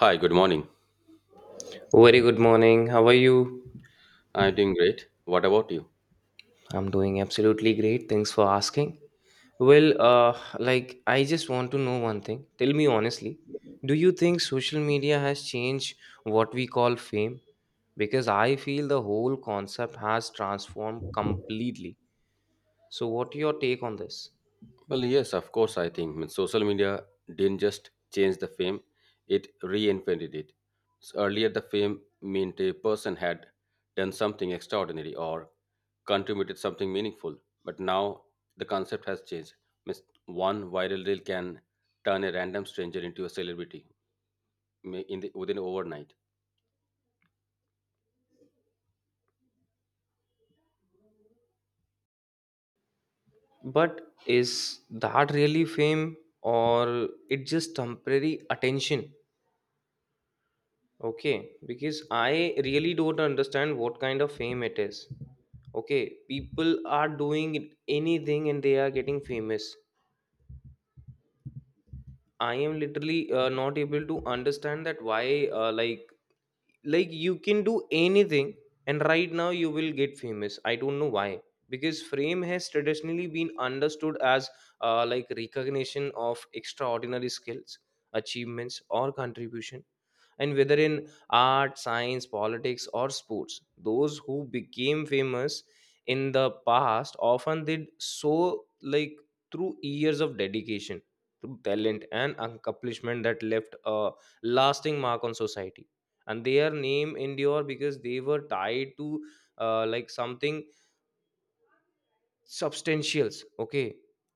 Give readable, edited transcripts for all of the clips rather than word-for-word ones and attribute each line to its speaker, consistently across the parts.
Speaker 1: Hi, good morning.
Speaker 2: Very good morning. How are you?
Speaker 1: I'm doing great. What about you?
Speaker 2: I'm doing absolutely great. Thanks for asking. Well, I just want to know one thing. Tell me honestly, do you think social media has changed what we call fame? Because I feel the whole concept has transformed completely. So, what your take on this?
Speaker 1: Well, yes, of course, I think. I mean, social media didn't just change the fame, it reinvented it. So earlier, the fame meant a person had done something extraordinary or contributed something meaningful. But now, the concept has changed. Means one viral reel can turn a random stranger into a celebrity within overnight.
Speaker 2: But is that really fame or it just temporary attention? Okay, because I really don't understand what kind of fame it is. Okay, people are doing anything and they are getting famous. I am literally not able to understand that why like you can do anything and right now you will get famous. I don't know why because fame has traditionally been understood as like recognition of extraordinary skills, achievements or contribution and whether in art science politics or sports those who became famous in the past often did so like through years of dedication through talent and accomplishment that left a lasting mark on society and their name endure because they were tied to like something substantials, okay,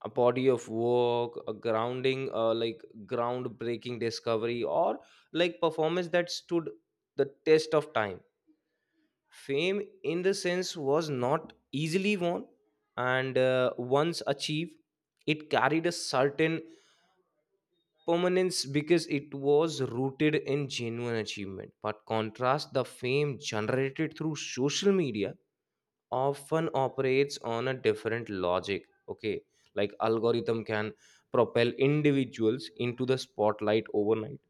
Speaker 2: a body of work, a grounding like groundbreaking discovery or like performance that stood the test of time. Fame in the sense was not easily won and once achieved it carried a certain permanence because it was rooted in genuine achievement. But contrast the fame generated through social media often operates on a different logic. Okay, like algorithm can propel individuals into the spotlight overnight,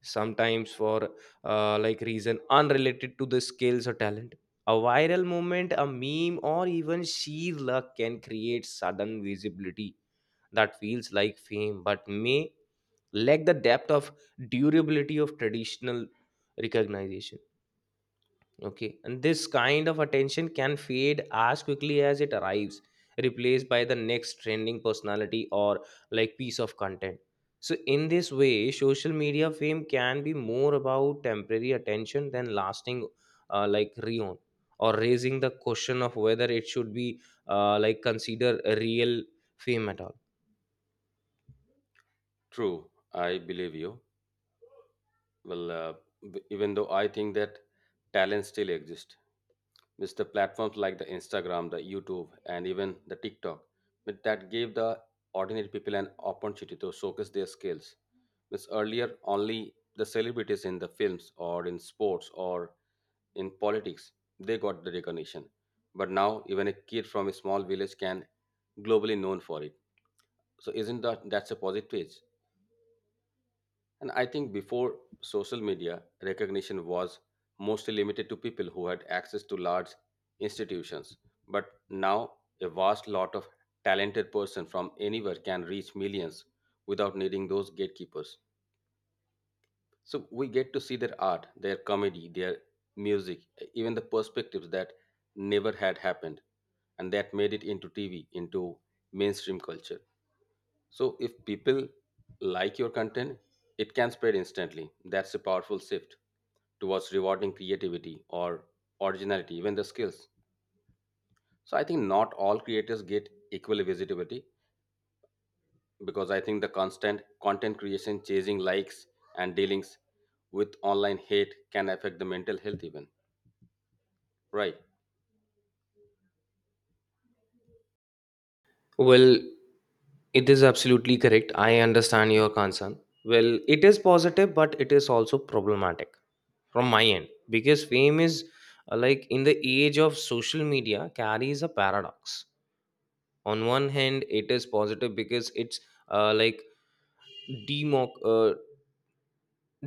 Speaker 2: sometimes for like reason unrelated to the skills or talent. A viral moment, a meme, or even sheer luck can create sudden visibility that feels like fame but may lack the depth of durability of traditional recognition. Okay, and this kind of attention can fade as quickly as it arrives, replaced by the next trending personality or like piece of content. So, in this way, social media fame can be more about temporary attention than lasting, like reon, or raising the question of whether it should be like consider a real fame at all.
Speaker 1: True, I believe you. Well, even though I think that talent still exists, with the platforms like the Instagram, the YouTube, and even the TikTok, but that gave the ordinary people an opportunity to showcase their skills. Because earlier, only the celebrities in the films or in sports or in politics they got the recognition. But now, even a kid from a small village can globally known for it. So, isn't that's a positive? And I think before social media, recognition was mostly limited to people who had access to large institutions. But now, a vast lot of talented person from anywhere can reach millions without needing those gatekeepers. So we get to see their art, their comedy, their music, even the perspectives that never had happened. And that made it into TV, into mainstream culture. So if people like your content, it can spread instantly. That's a powerful shift towards rewarding creativity or originality, even the skills. So I think not all creators get equal visibility, because I think the constant content creation, chasing likes, and dealings with online hate can affect the mental health even. Right.
Speaker 2: Well, it is absolutely correct. I understand your concern. Well, it is positive, but it is also problematic from my end because fame is like in the age of social media carries a paradox. On one hand it is positive because it's uh, like democ- uh,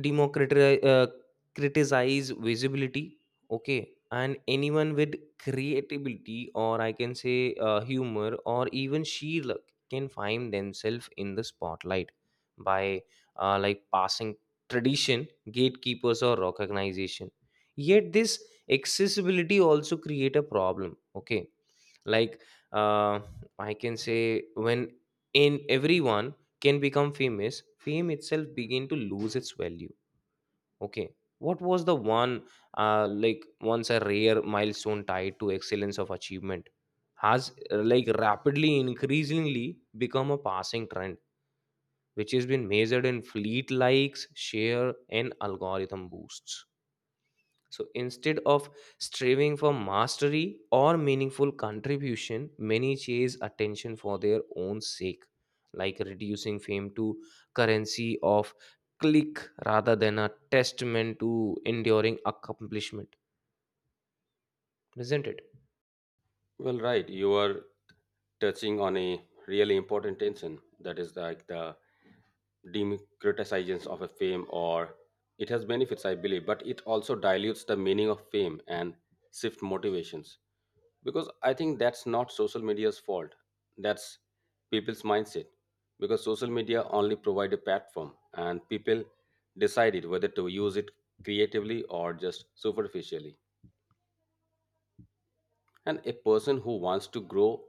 Speaker 2: democratize criticize visibility, okay, and anyone with creativity or I can say humor or even sheer luck can find themselves in the spotlight by like passing tradition gatekeepers or recognition. Yet this accessibility also create a problem. Okay, like uh, I can say when in everyone can become famous fame itself begin to lose its value. Okay, what was the one like once a rare milestone tied to excellence of achievement has like rapidly increasingly become a passing trend, which has been measured in fleet likes share and algorithm boosts. So instead of striving for mastery or meaningful contribution, many chase attention for their own sake, like reducing fame to currency of click rather than a testament to enduring accomplishment. Isn't it?
Speaker 1: Well, right. You are touching on a really important tension, that is like the democratization of a fame, or it has benefits, I believe, but it also dilutes the meaning of fame and shift motivations. Because I think that's not social media's fault, that's people's mindset. Because social media only provide a platform and people decided whether to use it creatively or just superficially. And a person who wants to grow,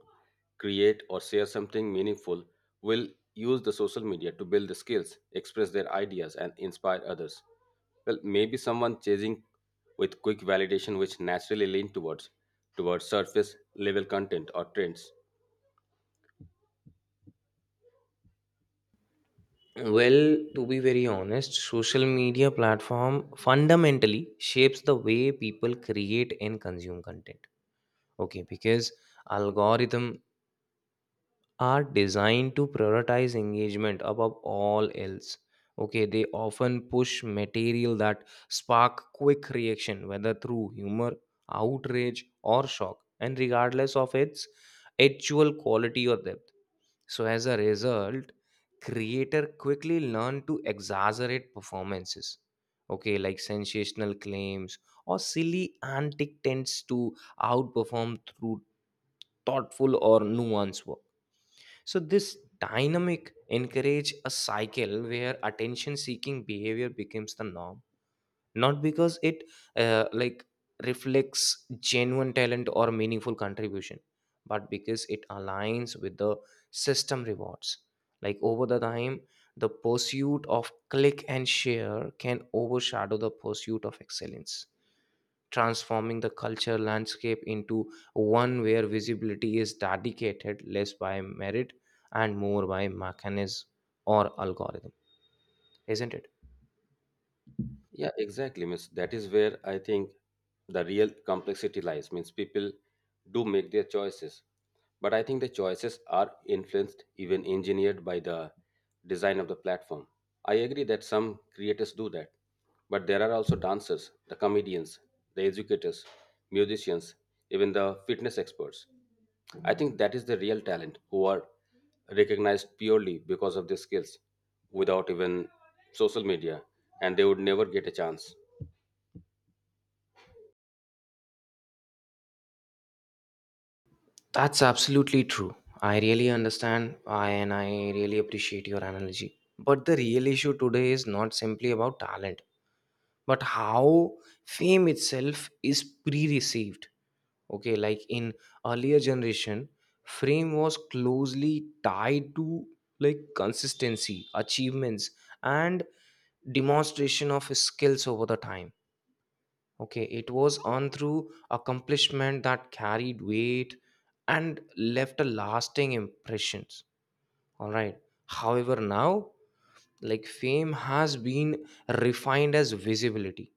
Speaker 1: create, or share something meaningful will use the social media to build the skills, express their ideas, and inspire others. Well, maybe someone chasing with quick validation which naturally lean towards surface level content or trends.
Speaker 2: Well, to be very honest, social media platform fundamentally shapes the way people create and consume content. Okay, because algorithm are designed to prioritize engagement above all else. Okay, they often push material that spark quick reaction, whether through humor, outrage, or shock, and regardless of its actual quality or depth. So, as a result, creator quickly learn to exaggerate performances. Okay, like sensational claims or silly antic tends to outperform through thoughtful or nuanced work. So this dynamic encourage a cycle where attention seeking behavior becomes the norm, not because it like reflects genuine talent or meaningful contribution, but because it aligns with the system rewards. Like over the time, the pursuit of click and share can overshadow the pursuit of excellence, transforming the culture landscape into one where visibility is dedicated less by merit and more by mechanism or algorithm. Isn't it?
Speaker 1: Yeah, exactly. Means that is where I think the real complexity lies. Means people do make their choices, but I think the choices are influenced, even engineered by the design of the platform. I agree that some creators do that, but there are also dancers, the comedians, the educators, musicians, even the fitness experts. I think that is the real talent who are recognized purely because of their skills without even social media, and they would never get a chance.
Speaker 2: That's absolutely true. I really understand I, and I really appreciate your analogy, but the real issue today is not simply about talent but how fame itself is pre-received. Okay, like in earlier generation frame was closely tied to like consistency achievements and demonstration of skills over the time. Okay, it was on through accomplishment that carried weight and left a lasting impressions. All right, however now like fame has been refined as visibility.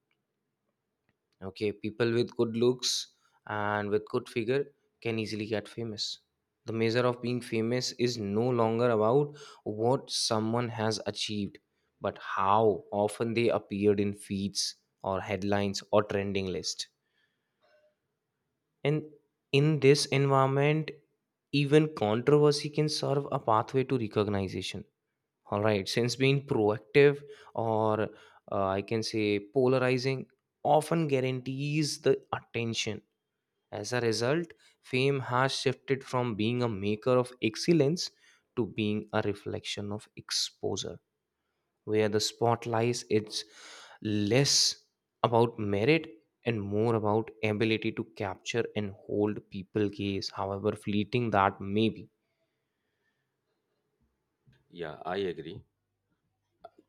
Speaker 2: Okay, people with good looks and with good figure can easily get famous. The measure of being famous is no longer about what someone has achieved, but how often they appeared in feeds or headlines or trending list. And in this environment, even controversy can serve a pathway to recognition. All right, since being proactive or I can say polarizing often guarantees the attention. As a result, fame has shifted from being a maker of excellence to being a reflection of exposure, where the spotlight is less about merit and more about ability to capture and hold people gaze, however fleeting that may be.
Speaker 1: Yeah, I agree.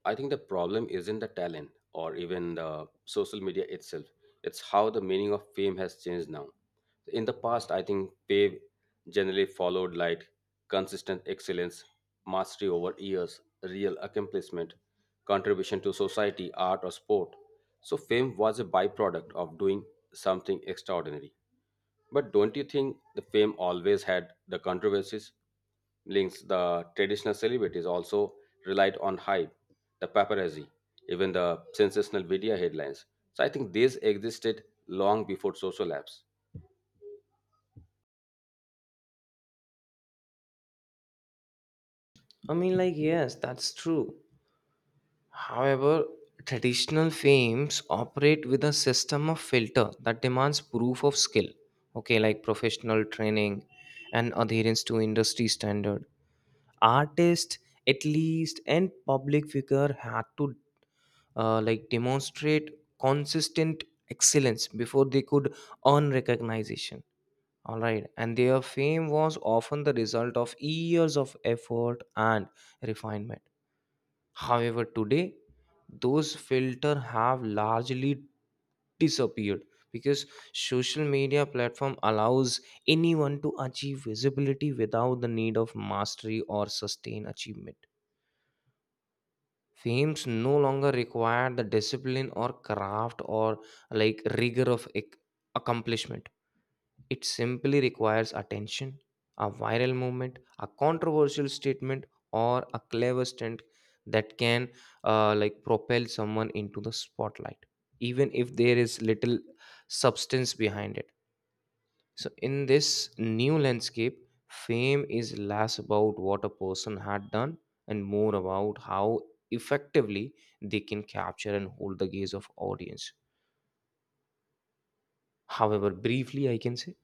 Speaker 1: I think the problem isn't the talent or even the social media itself. It's how the meaning of fame has changed now. In the past, I think fame generally followed like consistent excellence, mastery over years, real accomplishment, contribution to society, art, or sport. So, fame was a byproduct of doing something extraordinary. But don't you think the fame always had the controversies? Links, the traditional celebrities also relied on hype, the paparazzi, even the sensational media headlines. So I think these existed long before social apps.
Speaker 2: I mean, like, yes, that's true. However, traditional fames operate with a system of filter that demands proof of skill, okay, like professional training and adherence to industry standard. Artists, at least, and public figure had to like demonstrate consistent excellence before they could earn recognition. All right, and their fame was often the result of years of effort and refinement. However, today those filter have largely disappeared because social media platform allows anyone to achieve visibility without the need of mastery or sustained achievement. Fames no longer require the discipline or craft or like rigor of accomplishment. It simply requires attention, a viral movement, a controversial statement, or a clever stunt that can like propel someone into the spotlight, even if there is little substance behind it. So, in this new landscape, fame is less about what a person had done and more about how effectively they can capture and hold the gaze of audience. However, briefly, I can say,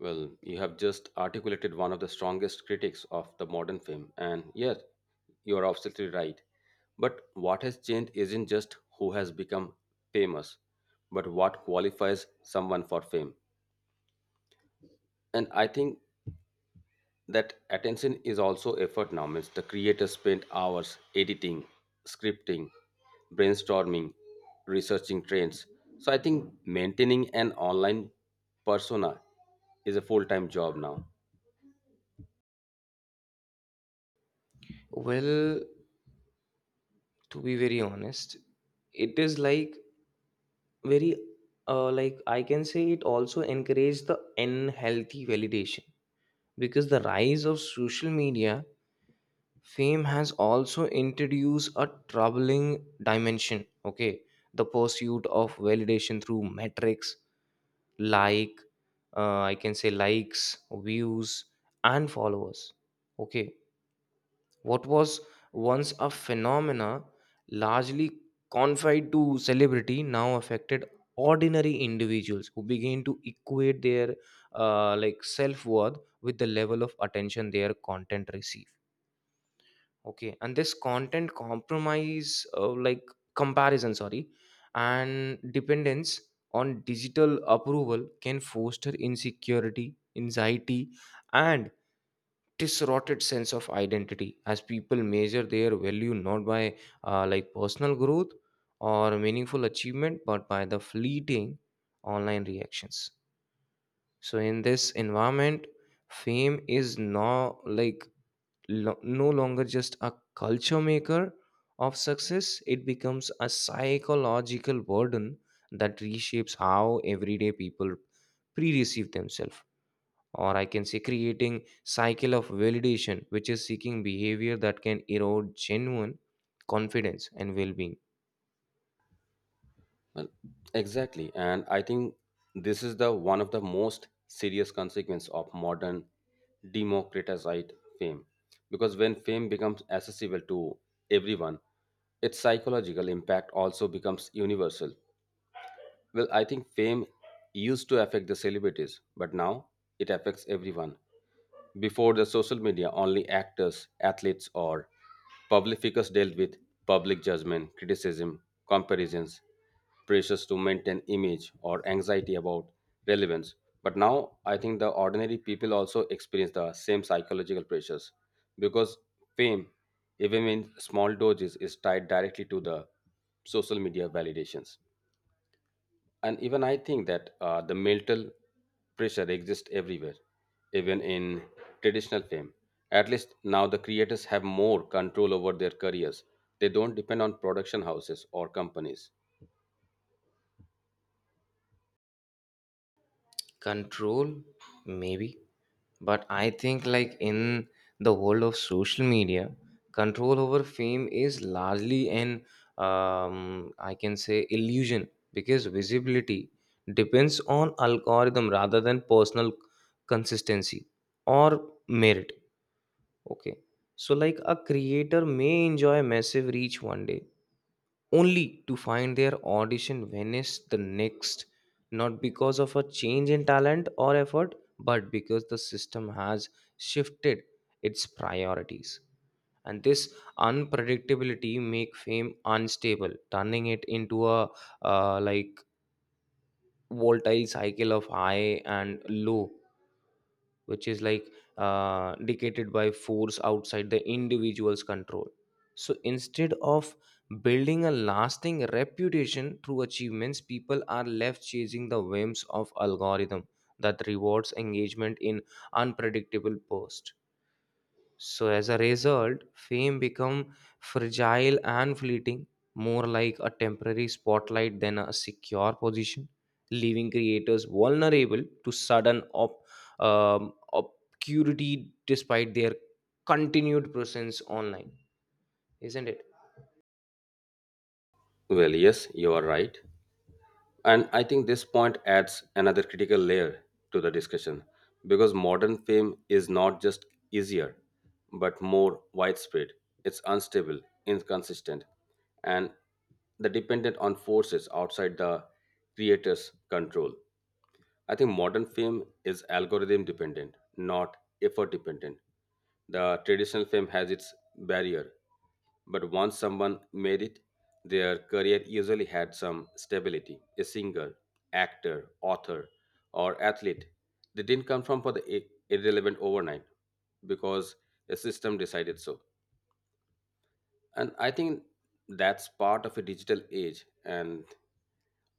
Speaker 1: Well, you have just articulated one of the strongest critics of the modern fame, and yes, you are absolutely right. But what has changed isn't just who has become famous, but what qualifies someone for fame. And I think that attention is also effort now. Means the creator spent hours editing, scripting, brainstorming, researching trends. So I think maintaining an online persona is a full-time job now.
Speaker 2: well, to be very honest it is like very like I can say it also encouraged the unhealthy validation because the rise of social media fame has also introduced a troubling dimension. Okay, the pursuit of validation through metrics like I can say likes, views, and followers, okay. What was once a phenomena largely confined to celebrity now affected ordinary individuals who began to equate their like self-worth with the level of attention their content receive. Okay, and this content compromise like comparison, sorry, and dependence on digital approval can foster insecurity anxiety and distorted sense of identity as people measure their value not by like personal growth or meaningful achievement but by the fleeting online reactions. So in this environment fame is now like no longer just a culture maker of success, it becomes a psychological burden that reshapes how everyday people pre-receive themselves, or I can say creating cycle of validation which is seeking behavior that can erode genuine confidence and well-being.
Speaker 1: Well, exactly. And I think this is the one of the most serious consequence of modern democratized fame, because when fame becomes accessible to everyone, its psychological impact also becomes universal. Well, I think fame used to affect the celebrities, but now it affects everyone. Before the social media, only actors, athletes, or public figures dealt with public judgment, criticism, comparisons, pressures to maintain image, or anxiety about relevance. But now I think the ordinary people also experience the same psychological pressures, because fame, even in small doses, is tied directly to the social media validations. And even I think that the mental pressure exists everywhere, even in traditional film. At least now the creators have more control over their careers. They don't depend on production houses or companies.
Speaker 2: Control, maybe, but I think like in the world of social media control over fame is largely an I can say illusion because visibility depends on algorithm rather than personal consistency or merit. Okay. So, like a creator may enjoy massive reach one day only to find their audition vanish the next, not because of a change in talent or effort, but because the system has shifted its priorities. And this unpredictability make fame unstable, turning it into a like volatile cycle of high and low, which is like dictated by force outside the individual's control. So instead of building a lasting reputation through achievements, people are left chasing the whims of algorithm that rewards engagement in unpredictable posts. So as a result, fame become fragile and fleeting, more like a temporary spotlight than a secure position, leaving creators vulnerable to sudden obscurity despite their continued presence online. Isn't it?
Speaker 1: Well, yes, you are right. And I think this point adds another critical layer to the discussion, because modern fame is not just easier, but more widespread. It's unstable, inconsistent, and the dependent on forces outside the creator's control. I think modern fame is algorithm dependent, not effort dependent. The traditional fame has its barrier, but once someone made it, their career usually had some stability. A singer, actor, author, or athlete, they didn't come from for the irrelevant overnight because a system decided so. And I think that's part of a digital age, and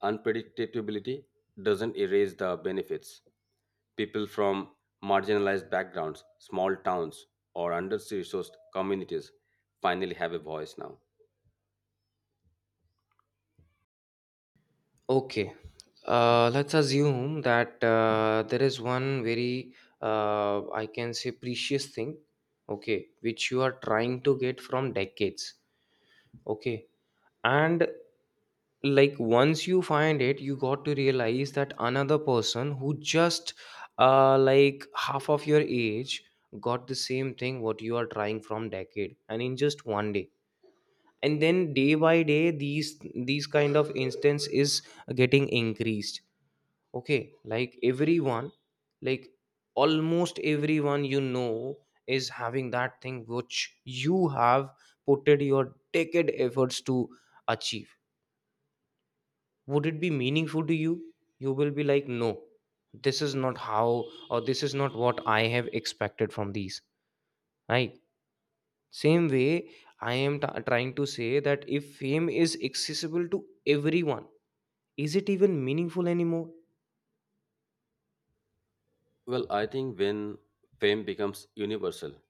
Speaker 1: unpredictability doesn't erase the benefits. People from marginalized backgrounds, small towns, or under resourced communities finally have a voice now.
Speaker 2: Okay. Let's assume that there is one very, I can say, precious thing, okay, which you are trying to get from decades. Okay. And like once you find it you got to realize that another person who just like half of your age got the same thing what you are trying from decade and in just one day. And then day by day these kind of instance is getting increased. Okay, like everyone, like almost everyone you know, is having that thing which you have put in your decade efforts to achieve. Would it be meaningful to you? You will be like, no, this is not how or this is not what I have expected from these, right? Same way, I am trying to say that if fame is accessible to everyone, is it even meaningful anymore?
Speaker 1: Well, I think when fame becomes universal,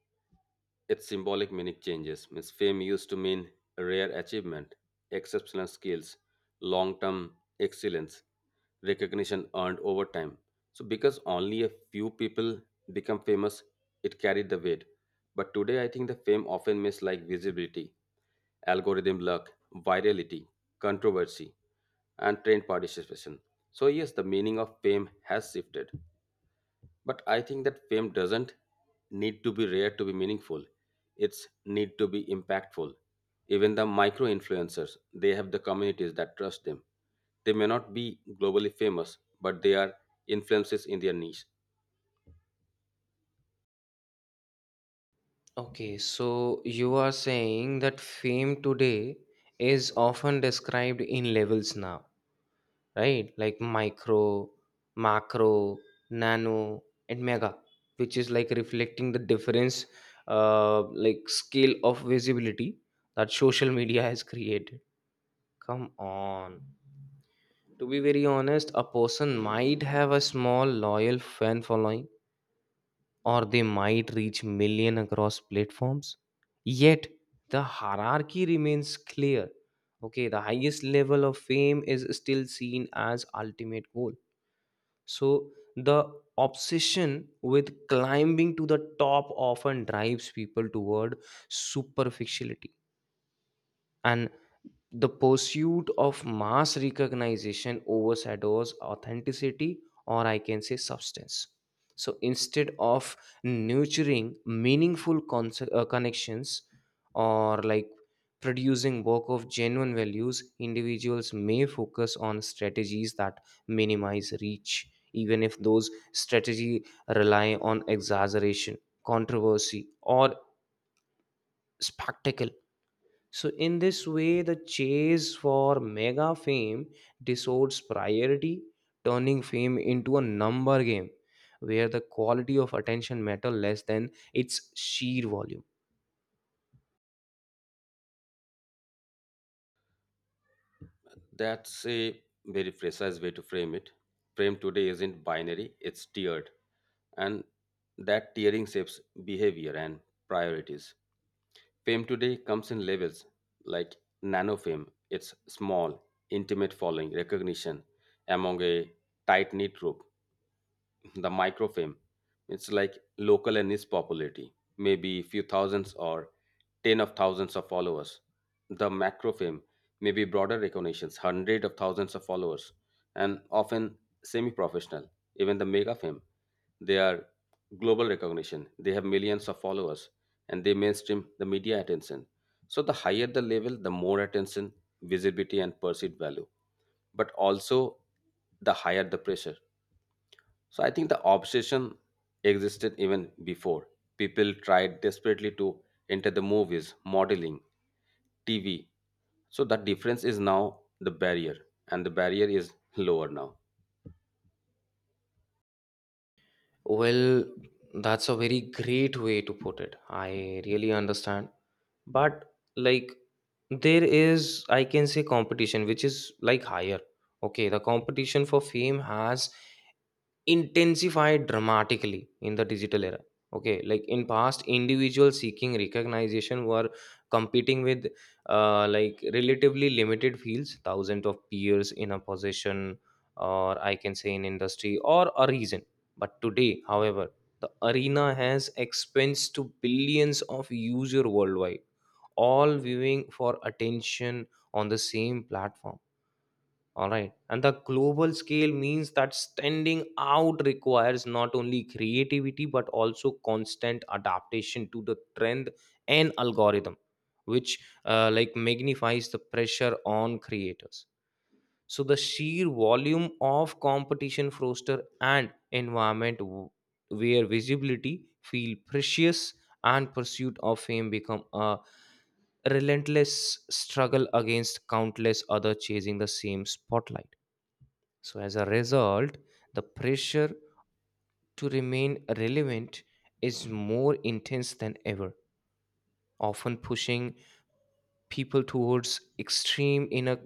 Speaker 1: its symbolic meaning changes. Means fame used to mean rare achievement, exceptional skills, long-term excellence, recognition earned over time. So because only a few people become famous, it carried the weight. But today I think the fame often means like visibility, algorithm luck, virality, controversy, and trend participation. So yes, the meaning of fame has shifted. But I think that fame doesn't need to be rare to be meaningful. It's need to be impactful. Even the micro influencers, they have the communities that trust them. They may not be globally famous, but they are influences in their niche.
Speaker 2: Okay, so you are saying that fame today is often described in levels now, right? Like micro, macro, nano, and mega, which is like reflecting the difference, like scale of visibility that social media has created. Come on. To be very honest, a person might have a small loyal fan following or they might reach million across platforms, yet the hierarchy remains clear. Okay, the highest level of fame is still seen as ultimate goal. So the obsession with climbing to the top often drives people toward superficiality, and the pursuit of mass recognition overshadows authenticity, or I can say substance. So instead of nurturing meaningful connections, or like producing work of genuine values, individuals may focus on strategies that minimize reach, even if those strategy rely on exaggeration, controversy, or spectacle. So, in this way, the chase for mega fame distorts priority, turning fame into a number game where the quality of attention matter less than its sheer volume.
Speaker 1: That's a very precise way to frame it. Frame today isn't binary, it's tiered. And that tiering shapes behavior and priorities. Fame today comes in levels, like nano fame, it's small, intimate following, recognition among a tight knit group. The microfilm, it's like local, and its popularity maybe few thousands or ten of thousands of followers. The macrofilm may be broader recognitions, hundred of thousands of followers, and often semi-professional. Even the megafilm, they are global recognition, they have millions of followers, and they mainstream the media attention. So the higher the level, the more attention, visibility, and perceived value, but also the higher the pressure. So I think the obsession existed even before. People tried desperately to enter the movies, modeling, TV. So that difference is now the barrier, and the barrier is lower now.
Speaker 2: Well, that's a very great way to put it. I really understand. But, like, there is, I can say, competition, which is like higher. Okay, the competition for fame has intensified dramatically in the digital era. Okay, like in past, individuals seeking recognition were competing with like relatively limited fields, thousands of peers in a position, or I can say in industry or a region. But today, however, the arena has expensed to billions of users worldwide, all viewing for attention on the same platform. All right. And the global scale means that standing out requires not only creativity but also constant adaptation to the trend and algorithm, which like magnifies the pressure on creators. So the sheer volume of competition foster and environment where visibility feel precious and pursuit of fame become a relentless struggle against countless other chasing the same spotlight. So, as a result, the pressure to remain relevant is more intense than ever, often pushing people towards extreme in a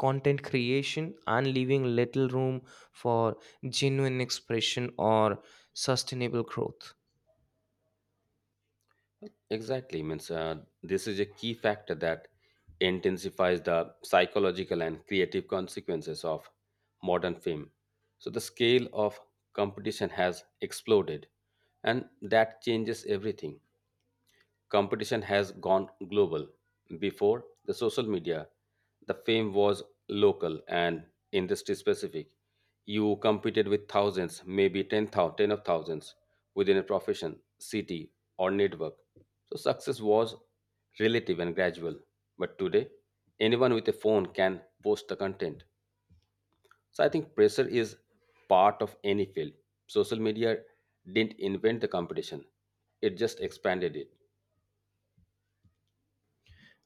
Speaker 2: content creation and leaving little room for genuine expression or sustainable growth.
Speaker 1: Exactly. Means this is a key factor that intensifies the psychological and creative consequences of modern film. So the scale of competition has exploded, and that changes everything. Competition has gone global. Before the social media, the fame was local and industry specific. You competed with thousands, maybe 10, ten of thousands within a profession, city, or network. So success was relative and gradual. But today, anyone with a phone can post the content. So I think pressure is part of any field. Social media didn't invent the competition, it just expanded it.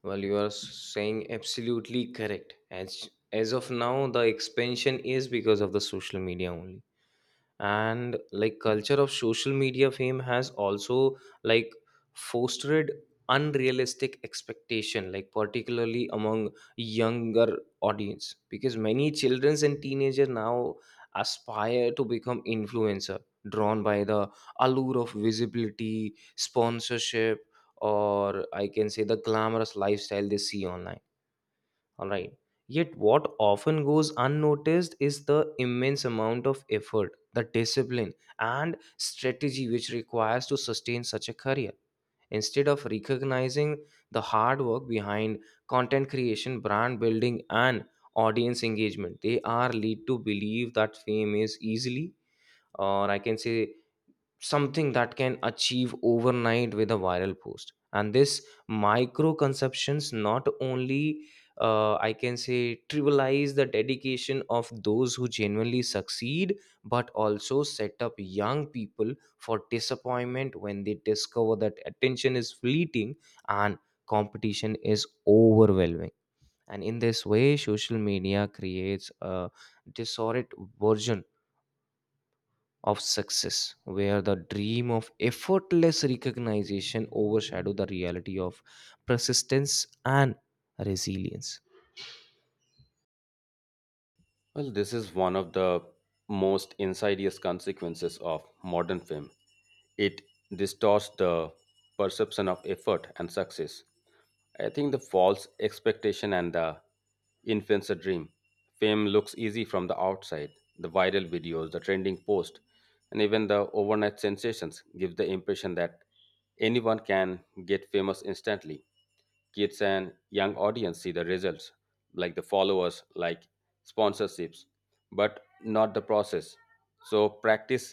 Speaker 2: Well, you are saying absolutely correct. As of now, the expansion is because of the social media only, and like culture of social media fame has also like fostered unrealistic expectation, like particularly among younger audience, because many childrens and teenager now aspire to become influencer, drawn by the allure of visibility sponsorship, or I can say the glamorous lifestyle they see online. All right. Yet, what often goes unnoticed is the immense amount of effort, the discipline, and strategy which requires to sustain such a career. Instead of recognizing the hard work behind content creation, brand building, and audience engagement, they are lead to believe that fame is easily, or I can say something that can achieve overnight with a viral post. And this micro conceptions not only I can say trivialize the dedication of those who genuinely succeed, but also set up young people for disappointment when they discover that attention is fleeting and competition is overwhelming. And in this way, social media creates a disordered version of success where the dream of effortless recognition overshadow the reality of persistence and resilience.
Speaker 1: Well, this is one of the most insidious consequences of modern film. It distorts the perception of effort and success. I think the false expectation and the influencer dream. Fame looks easy from the outside. The viral videos, the trending post, and even the overnight sensations give the impression that anyone can get famous instantly. Kids and young audience see the results, like the followers, like sponsorships, but not the process. So practice,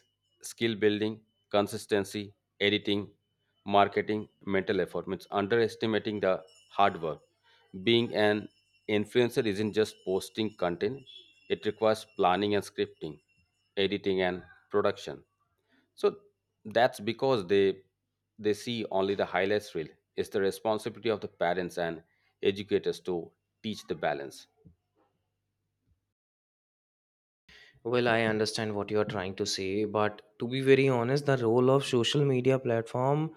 Speaker 1: skill building, consistency, editing, marketing, mental effort, means underestimating the hard work. Being an influencer isn't just posting content, it requires planning and scripting, editing and production. So that's because they see only the highlights reel. It's the responsibility of the parents and educators to teach the balance.
Speaker 2: Well, I understand what you are trying to say, but to be very honest, the role of social media platform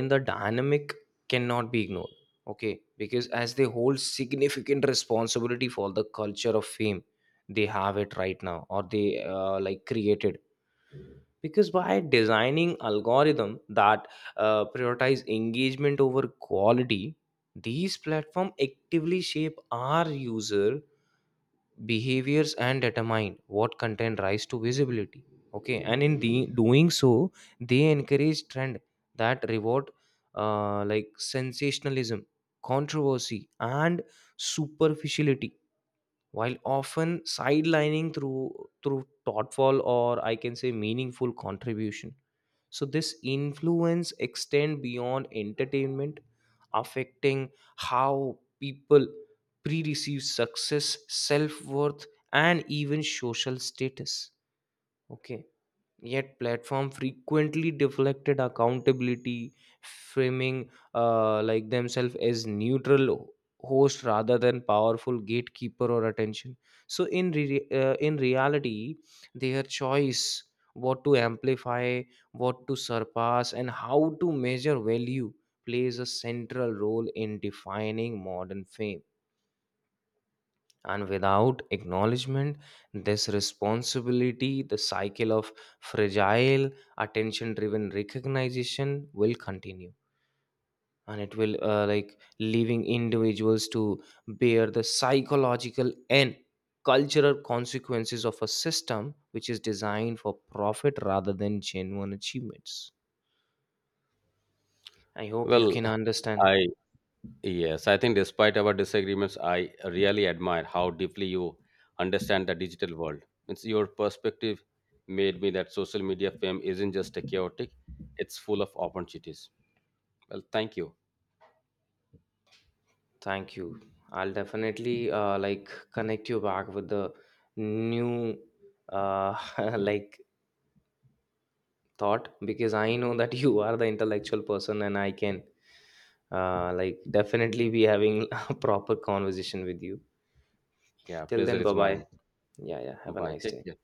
Speaker 2: in the dynamic cannot be ignored. Okay, because as they hold significant responsibility for the culture of fame they have it right now, or they like created, because by designing algorithm that prioritize engagement over quality, these platform actively shape our user behaviors and determine what content rise to visibility. Okay, and in the doing so, they encourage trend that reward like sensationalism, controversy, and superficiality, while often sidelining through thoughtful, or I can say meaningful contribution. So this influence extend beyond entertainment, affecting how people pre-receive success, self-worth, and even social status. Okay. Yet platform frequently deflected accountability, framing like themselves as neutral host rather than powerful gatekeeper or attention. So in in reality, their choice what to amplify, what to surpass, and how to measure value plays a central role in defining modern fame. And without acknowledgement, this responsibility, the cycle of fragile, attention driven recognition will continue. And it will, like, leaving individuals to bear the psychological and cultural consequences of a system which is designed for profit rather than genuine achievements. I hope you
Speaker 1: Well,
Speaker 2: can understand.
Speaker 1: I yes, I think despite our disagreements, I really admire how deeply you understand the digital world. It's your perspective made me that social media fame isn't just a chaotic; it's full of opportunities. Well, thank you.
Speaker 2: Thank you. I'll definitely like connect you back with the new uh, like thought, because I know that you are the intellectual person, and I can like definitely be having a proper conversation with you.
Speaker 1: Yeah,
Speaker 2: Till
Speaker 1: pleasure
Speaker 2: then,
Speaker 1: is
Speaker 2: bye bye.
Speaker 1: mine.
Speaker 2: Yeah, yeah. Have a
Speaker 1: Bye.
Speaker 2: nice
Speaker 1: Take
Speaker 2: day.
Speaker 1: care.